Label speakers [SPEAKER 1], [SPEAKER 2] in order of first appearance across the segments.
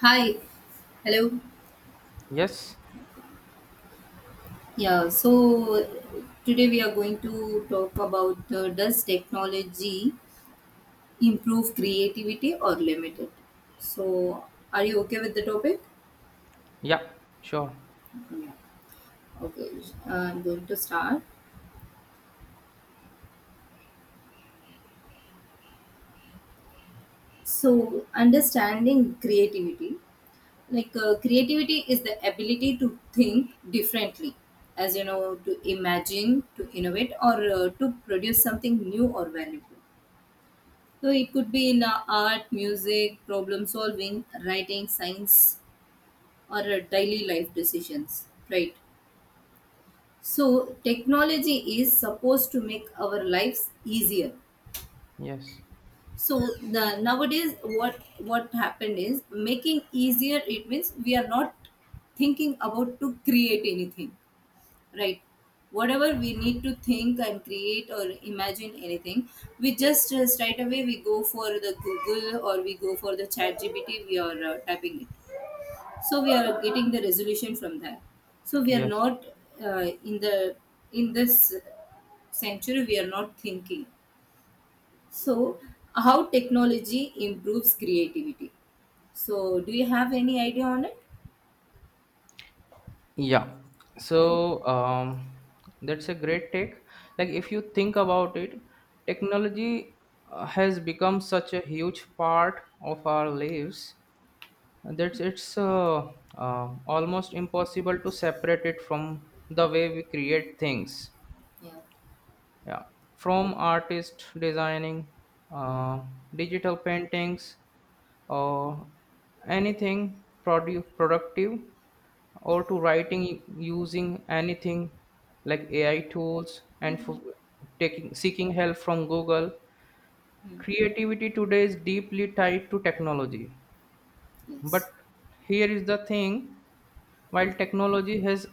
[SPEAKER 1] Hi, hello.
[SPEAKER 2] Yes.
[SPEAKER 1] Yeah, so today we are going to talk about does technology improve creativity or limit it? So, are you okay with the topic?
[SPEAKER 2] Yeah. Sure.
[SPEAKER 1] Yeah. Okay, I'm going to start. So, understanding creativity like creativity is the ability to think differently, as you know, to imagine, to innovate, or to produce something new or valuable. So it could be in art, music, problem solving, writing, science, or daily life decisions, right? So technology is supposed to make our lives easier.
[SPEAKER 2] Yes.
[SPEAKER 1] So the, nowadays, what happened is making easier. It means we are not thinking about to create anything, right? Whatever we need to think and create or imagine anything, we just straight away we go for the Google or we go for the chat GPT, we are typing it, so we are getting the resolution from that. So we are
[SPEAKER 2] Yes.
[SPEAKER 1] not in the in this century we are not thinking. So how technology improves creativity, so do you have any idea on it?
[SPEAKER 2] Yeah. So that's a great take. Like, if you think about it, technology has become such a huge part of our lives that it's almost impossible to separate it from the way we create things.
[SPEAKER 1] Yeah.
[SPEAKER 2] Yeah. From artists designing, uh, digital paintings, or anything productive, or to writing using anything like AI tools, and for taking seeking help from Google.
[SPEAKER 1] Hmm.
[SPEAKER 2] Creativity today is deeply tied to technology, but
[SPEAKER 1] Yes.
[SPEAKER 2] here is the thing: while technology has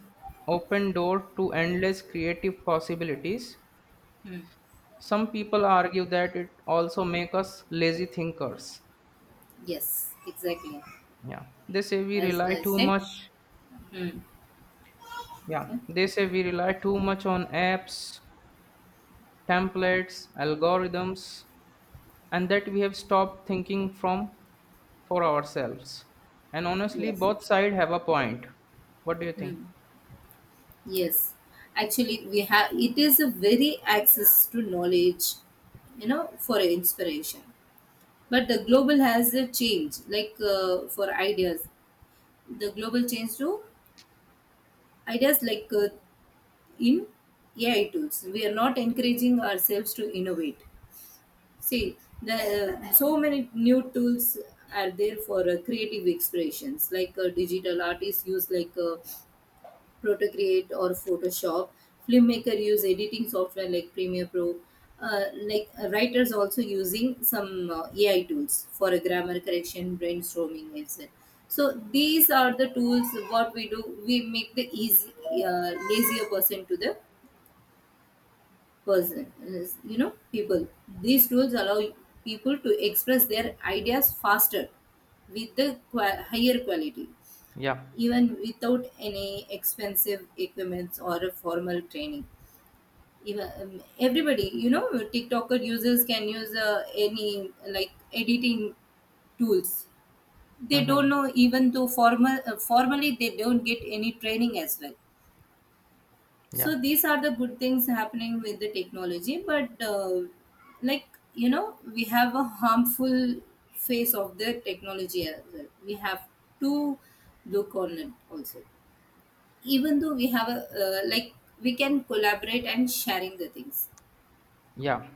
[SPEAKER 2] opened door to endless creative possibilities,
[SPEAKER 1] Hmm.
[SPEAKER 2] some people argue that it also make us lazy thinkers.
[SPEAKER 1] Yes, exactly,
[SPEAKER 2] yeah they say we
[SPEAKER 1] as
[SPEAKER 2] rely
[SPEAKER 1] I
[SPEAKER 2] too
[SPEAKER 1] said.
[SPEAKER 2] much
[SPEAKER 1] Hmm.
[SPEAKER 2] Yeah,
[SPEAKER 1] Okay.
[SPEAKER 2] they say we rely too much on apps, templates, algorithms, and that we have stopped thinking from for ourselves. And honestly,
[SPEAKER 1] Yes,
[SPEAKER 2] both sides have a point. What do you think?
[SPEAKER 1] yes. Actually, we have it is a very access to knowledge, you know, for inspiration. But the global has a change, like for ideas, the global change to ideas like in AI tools. We are not encouraging ourselves to innovate. See, the so many new tools are there for creative expressions, like digital artists use like. Protocreate or Photoshop. Filmmaker use editing software like Premiere Pro. Writers also using some AI tools for a grammar correction, brainstorming, etc. So these are the tools. What we do, we make the easy lazier person to the person. You know, people. These tools allow people to express their ideas faster with the higher quality
[SPEAKER 2] Yeah.
[SPEAKER 1] even without any expensive equipments or a formal training. Even everybody, you know, tiktoker users can use any like editing tools. They don't
[SPEAKER 2] Mm-hmm.
[SPEAKER 1] know even though formally they don't get any training as well. So
[SPEAKER 2] Yeah.
[SPEAKER 1] these are the good things happening with the technology, but like, you know, we have a harmful face of the technology as well. We have to look on it also. Even though we have a like, we can collaborate and sharing the things,
[SPEAKER 2] Yeah.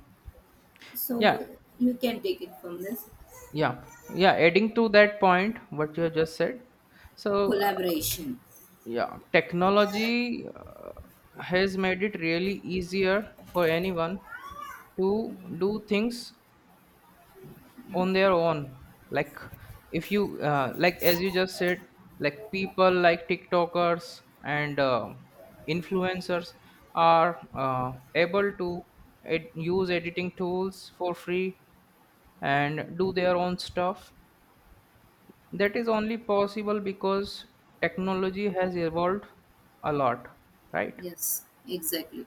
[SPEAKER 1] so
[SPEAKER 2] Yeah.
[SPEAKER 1] you can take it from this
[SPEAKER 2] Yeah. Yeah. Adding to that point, what you have just said. So,
[SPEAKER 1] collaboration.
[SPEAKER 2] yeah, technology has made it really easier for anyone to do things on their own. Like, if you like, as you just said, like, people like tiktokers and influencers are able to use editing tools for free and do their own stuff. That is only possible because technology has evolved a lot, right?
[SPEAKER 1] Yes, exactly.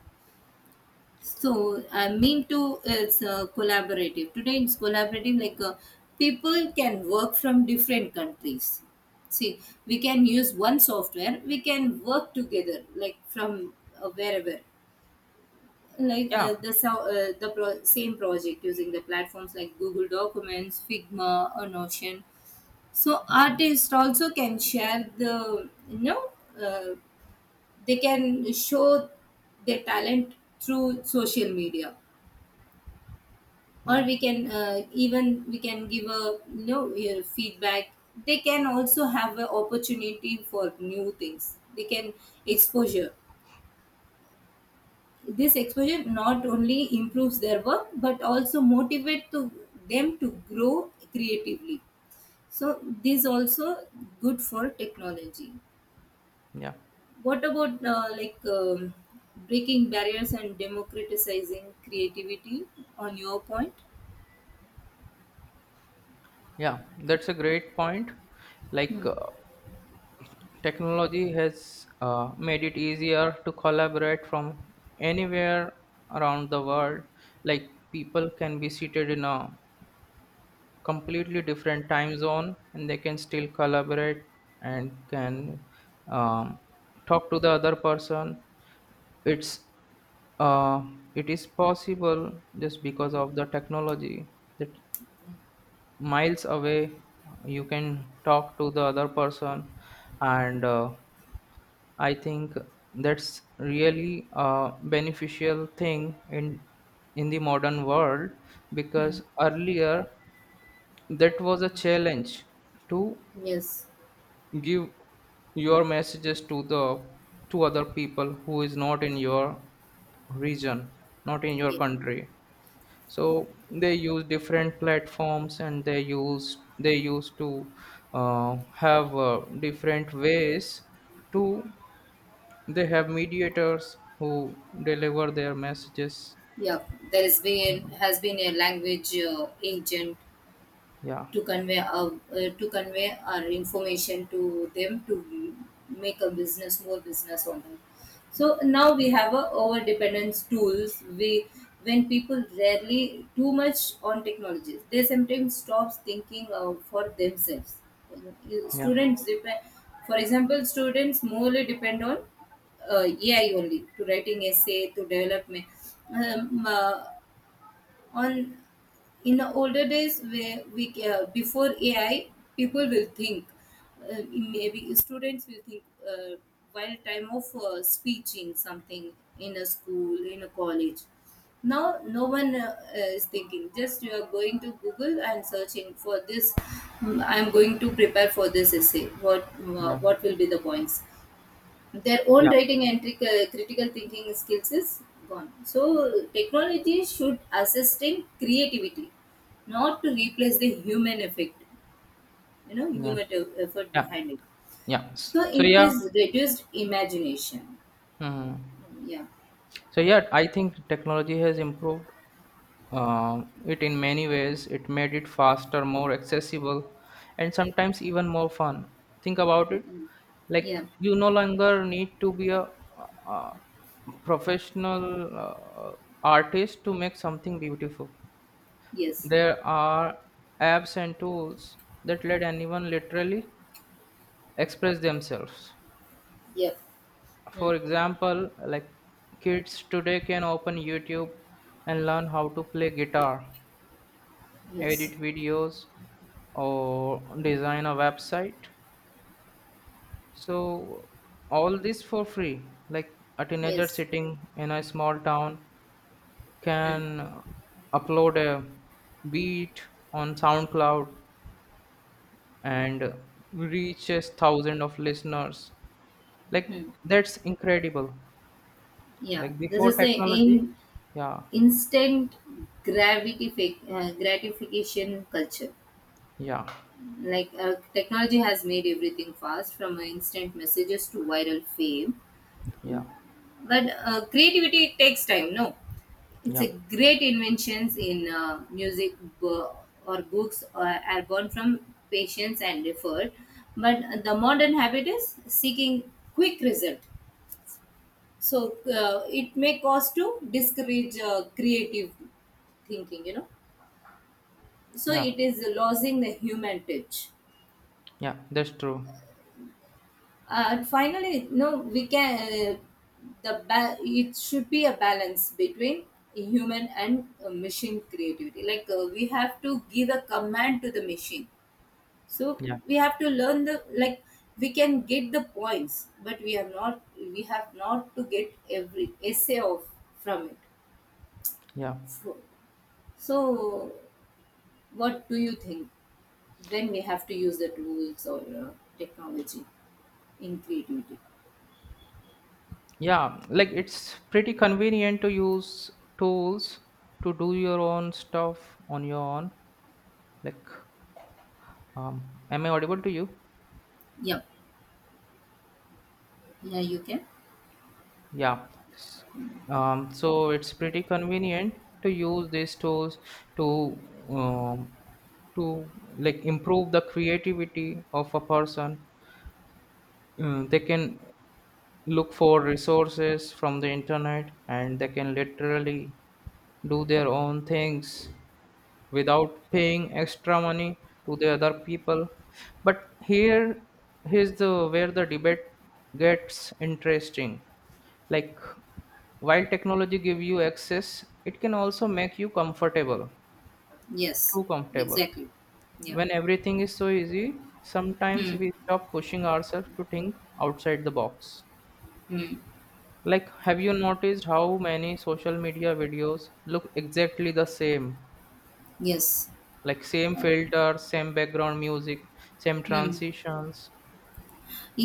[SPEAKER 1] So I mean to it's collaborative today. It's collaborative like people can work from different countries. See, we can use one software, we can work together like from wherever, like
[SPEAKER 2] Yeah.
[SPEAKER 1] the so- the pro- same project using the platforms like Google Documents, Figma, or Notion. So
[SPEAKER 2] Mhm.
[SPEAKER 1] artists also can share, the you know, uh, they can show their talent through social media, or
[SPEAKER 2] Yeah,
[SPEAKER 1] we can even we can give a you know your feedback. They can also have an opportunity for new things. They can exposure. This exposure not only improves their work but also motivate to them to grow creatively. So this also good for technology.
[SPEAKER 2] yeah,
[SPEAKER 1] What about breaking barriers and democratizing creativity on your point?
[SPEAKER 2] yeah, that's a great point. Like technology has made it easier to collaborate from anywhere around the world. Like, people can be seated in a completely different time zone and they can still collaborate and can um, talk to the other person. It's uh, it is possible just because of the technology that miles away you can talk to the other person. And I think that's really a beneficial thing in the modern world,
[SPEAKER 1] Hmm.
[SPEAKER 2] because earlier that was a challenge to
[SPEAKER 1] Yes.
[SPEAKER 2] give your messages to the to other people who is not in your region, not in your
[SPEAKER 1] Yeah.
[SPEAKER 2] country. So they use different platforms and they used to have different ways to they have mediators who deliver their messages.
[SPEAKER 1] Yeah. There has been a language agent
[SPEAKER 2] Yeah,
[SPEAKER 1] to convey to convey our information to them, to make a business more business on them. So now we
[SPEAKER 2] yeah,
[SPEAKER 1] have a over dependence tools. We, when people rarely too much on technologies, they sometimes stops thinking for themselves.
[SPEAKER 2] yeah,
[SPEAKER 1] Students depend, for example, students morely depend on uh, AI only to writing essay to development um, uh, on in the older days where we before AI, people will think maybe students will think uh, while time of speaking something in a school in a college. Now no one is thinking. Just you are going to Google and searching for this. "Hmm, I am going to prepare for this essay,
[SPEAKER 2] yeah,
[SPEAKER 1] what will be the points." Their own writing and critical thinking skills is gone. So technology should assist in creativity, not to replace the human effect, you know,
[SPEAKER 2] yeah,
[SPEAKER 1] effort
[SPEAKER 2] yeah,
[SPEAKER 1] behind it.
[SPEAKER 2] yeah.
[SPEAKER 1] So
[SPEAKER 2] So
[SPEAKER 1] it
[SPEAKER 2] yeah.
[SPEAKER 1] is reduced imagination.
[SPEAKER 2] Mhm.
[SPEAKER 1] Yeah.
[SPEAKER 2] So yeah, I think technology has improved it in many ways. It made it faster, more accessible, and sometimes even more fun. Think about it.
[SPEAKER 1] Mm.
[SPEAKER 2] Like,
[SPEAKER 1] Yeah.
[SPEAKER 2] you no longer need to be a uh, professional uh, artist to make something beautiful.
[SPEAKER 1] Yes.
[SPEAKER 2] There are apps and tools that let anyone literally express themselves.
[SPEAKER 1] Yep. Mm.
[SPEAKER 2] For example, like, kids today can open YouTube and learn how to play guitar,
[SPEAKER 1] Yes.
[SPEAKER 2] edit videos, or design a website. So, all this for free. Like, a teenager
[SPEAKER 1] Yes.
[SPEAKER 2] sitting in a small town
[SPEAKER 1] Mm.
[SPEAKER 2] can upload a beat on SoundCloud and reaches thousands of listeners. Like,
[SPEAKER 1] Mm.
[SPEAKER 2] that's incredible.
[SPEAKER 1] Yeah.
[SPEAKER 2] Like,
[SPEAKER 1] This
[SPEAKER 2] before
[SPEAKER 1] is the
[SPEAKER 2] technology.
[SPEAKER 1] in
[SPEAKER 2] Yeah.
[SPEAKER 1] instant gratification culture,
[SPEAKER 2] Yeah.
[SPEAKER 1] like technology has made everything fast from instant messages to viral fame,
[SPEAKER 2] Yeah,
[SPEAKER 1] but creativity it takes time, no? It's
[SPEAKER 2] yeah,
[SPEAKER 1] a great inventions in music, bo- or books are born from patience and effort. But the modern habit is seeking quick result. So it may cause to discourage creative thinking, you know. So
[SPEAKER 2] yeah,
[SPEAKER 1] it is losing the human touch.
[SPEAKER 2] yeah, that's true.
[SPEAKER 1] And finally no, we can it should be a balance between human and machine creativity, like we have to give a command to the machine. So
[SPEAKER 2] Yeah,
[SPEAKER 1] we have to learn the, like we can get the points but we are not, we have not to get every essay of from it.
[SPEAKER 2] yeah,
[SPEAKER 1] So, so what do you think, when we have to use the tools or technology in creativity?
[SPEAKER 2] yeah. Like, it's pretty convenient to use tools to do your own stuff on your own. Like, am I audible to you?
[SPEAKER 1] Yeah, yeah, you can.
[SPEAKER 2] Yeah. S- so, it's pretty convenient to use these tools to to, like, improve the creativity of a person. They can look for resources from the internet and they can literally do their own things without paying extra money to the other people. But here, here's the where the debate gets interesting. Like, while technology give you access, it can also make you comfortable,
[SPEAKER 1] Yes,
[SPEAKER 2] too comfortable.
[SPEAKER 1] exactly. Yeah.
[SPEAKER 2] When everything is so easy, sometimes
[SPEAKER 1] Hmm.
[SPEAKER 2] we stop pushing ourselves to think outside the box.
[SPEAKER 1] Hmm.
[SPEAKER 2] Like, have you noticed how many social media videos look exactly the same?
[SPEAKER 1] Yes.
[SPEAKER 2] Like, same
[SPEAKER 1] And-
[SPEAKER 2] filter, same background music, same
[SPEAKER 1] Hmm.
[SPEAKER 2] transitions.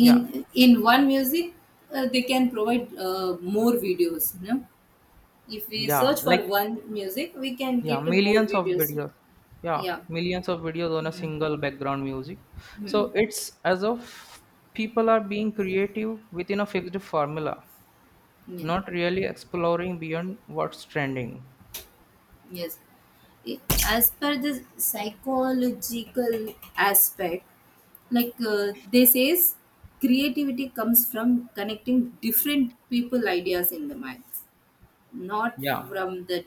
[SPEAKER 2] Yeah,
[SPEAKER 1] In one music, they can provide more videos. You know? If we
[SPEAKER 2] yeah,
[SPEAKER 1] search
[SPEAKER 2] like,
[SPEAKER 1] for one music, we can
[SPEAKER 2] yeah,
[SPEAKER 1] get more
[SPEAKER 2] millions of
[SPEAKER 1] videos.
[SPEAKER 2] videos. Yeah,
[SPEAKER 1] Yeah.
[SPEAKER 2] millions of videos on a
[SPEAKER 1] Hmm.
[SPEAKER 2] single background music.
[SPEAKER 1] Hmm.
[SPEAKER 2] So it's as of people are being creative within a fixed formula,
[SPEAKER 1] Yes.
[SPEAKER 2] not really exploring beyond what's trending.
[SPEAKER 1] Yes. I- As per the psychological aspect, like they says, creativity comes from connecting different people ideas in the mind, not
[SPEAKER 2] Yeah.
[SPEAKER 1] from the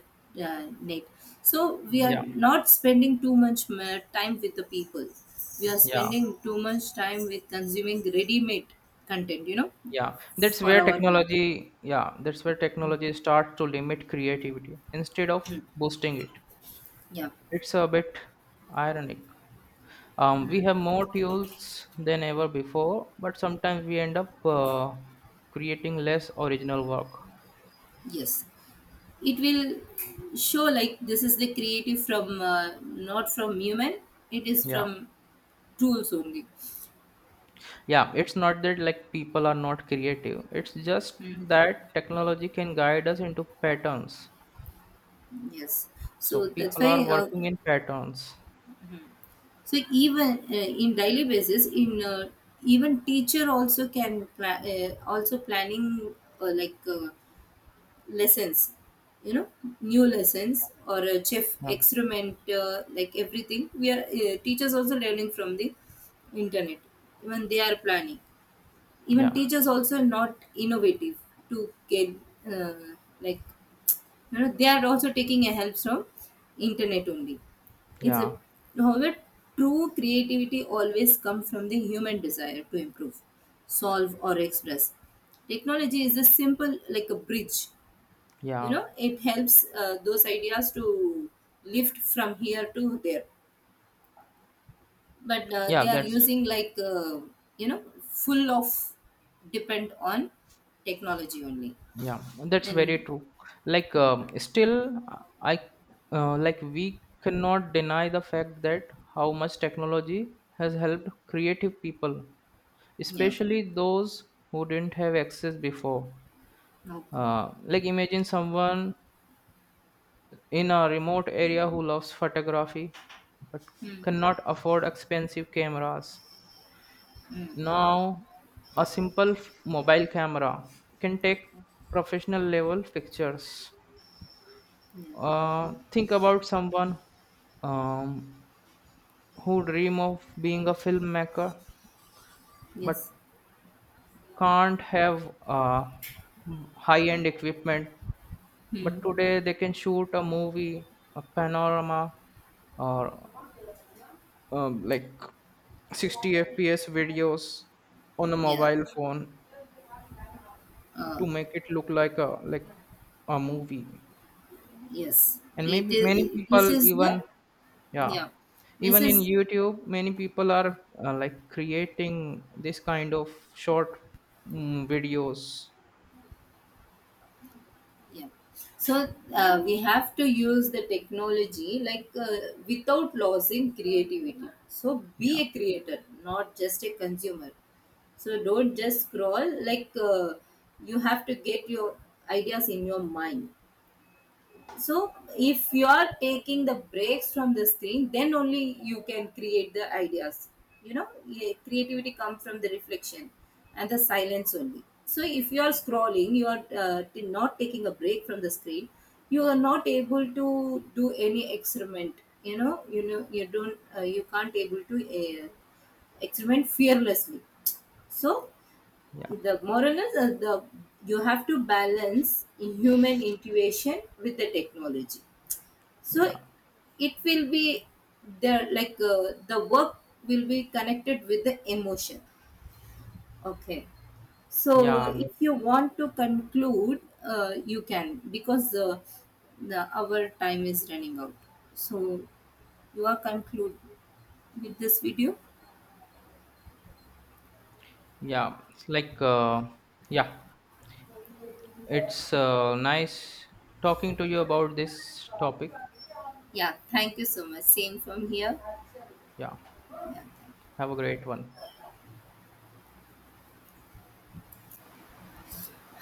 [SPEAKER 1] net. So we are
[SPEAKER 2] Yeah.
[SPEAKER 1] not spending too much time with the people. We are
[SPEAKER 2] Yeah.
[SPEAKER 1] spending too much time with consuming ready-made content, you know, for our brain.
[SPEAKER 2] Yeah, that's where technology starts to limit creativity instead of
[SPEAKER 1] Mhm.
[SPEAKER 2] boosting it.
[SPEAKER 1] Yeah.
[SPEAKER 2] It's a bit ironic. We have more tools than ever before, but sometimes we end up creating less original work.
[SPEAKER 1] Yes. It will show like this is the creative from not from human. It is
[SPEAKER 2] Yeah.
[SPEAKER 1] from tools only.
[SPEAKER 2] Yeah, it's not that like people are not creative, it's just that technology can guide us into patterns.
[SPEAKER 1] Yes.
[SPEAKER 2] So
[SPEAKER 1] So that's
[SPEAKER 2] people are
[SPEAKER 1] why.
[SPEAKER 2] working in patterns.
[SPEAKER 1] So even in daily basis in even teacher also can also planning uh, like uh, lessons, you know, new lessons or a chef
[SPEAKER 2] Yeah,
[SPEAKER 1] experiment, like everything we are teachers also learning from the internet. Even they are planning, even
[SPEAKER 2] yeah,
[SPEAKER 1] teachers also not innovative to get uh, like, you know, they are also taking a help from internet only. It's a,
[SPEAKER 2] yeah,
[SPEAKER 1] however, true creativity always comes from the human desire to improve, solve or express. Technology is a simple like a bridge. You
[SPEAKER 2] yeah,
[SPEAKER 1] know, it helps those ideas to lift from here to there, but
[SPEAKER 2] yeah.
[SPEAKER 1] they are
[SPEAKER 2] That's
[SPEAKER 1] using like you know, full of depend on technology only.
[SPEAKER 2] Yeah, that's very
[SPEAKER 1] And
[SPEAKER 2] true. Like, still, I like, we cannot deny the fact that how much technology has helped creative people,
[SPEAKER 1] yeah,
[SPEAKER 2] especially those who didn't have access before.
[SPEAKER 1] okay.
[SPEAKER 2] Like, imagine someone in a remote area who loves photography, but
[SPEAKER 1] Hmm.
[SPEAKER 2] cannot afford expensive cameras.
[SPEAKER 1] Hmm.
[SPEAKER 2] Now, a simple mobile camera can take
[SPEAKER 1] Okay.
[SPEAKER 2] professional level pictures.
[SPEAKER 1] Yeah.
[SPEAKER 2] Think about someone um, who dream of being a filmmaker, but
[SPEAKER 1] Yes.
[SPEAKER 2] can't have high end equipment. But today they can shoot a movie, a panorama, or like, 60 fps videos on a
[SPEAKER 1] Yeah.
[SPEAKER 2] mobile phone
[SPEAKER 1] Uh,
[SPEAKER 2] to make it look like a like movie.
[SPEAKER 1] yes.
[SPEAKER 2] And
[SPEAKER 1] It
[SPEAKER 2] maybe many
[SPEAKER 1] is.
[SPEAKER 2] people,
[SPEAKER 1] This is
[SPEAKER 2] even
[SPEAKER 1] the,
[SPEAKER 2] yeah,
[SPEAKER 1] yeah. This
[SPEAKER 2] even in
[SPEAKER 1] is,
[SPEAKER 2] YouTube many people are like, creating this kind of short, videos.
[SPEAKER 1] yeah. So we have to use the technology like without losing creativity. So be
[SPEAKER 2] Yeah.
[SPEAKER 1] a creator, not just a consumer. So don't just scroll. Like you have to get your ideas in your mind. So if you are taking the breaks from this thing, then only you can create the ideas, you know. Yeah, creativity comes from the reflection and the silence only. So if you are scrolling, you are not taking a break from the screen, you are not able to do any experiment. You know, you know, you don't you can't able to uh, experiment fearlessly. So
[SPEAKER 2] Yeah.
[SPEAKER 1] the moral is the you have to balance in human intuition with the technology. So
[SPEAKER 2] Yeah.
[SPEAKER 1] it will be there like the work will be connected with the emotion. Okay. So,
[SPEAKER 2] Yeah.
[SPEAKER 1] if you want to conclude, you can, because the our time is running out. So, you are conclude with this video.
[SPEAKER 2] Yeah, it's like yeah, it's nice talking to you about this topic.
[SPEAKER 1] Yeah, thank you so much. Same from here.
[SPEAKER 2] Yeah, have a great one.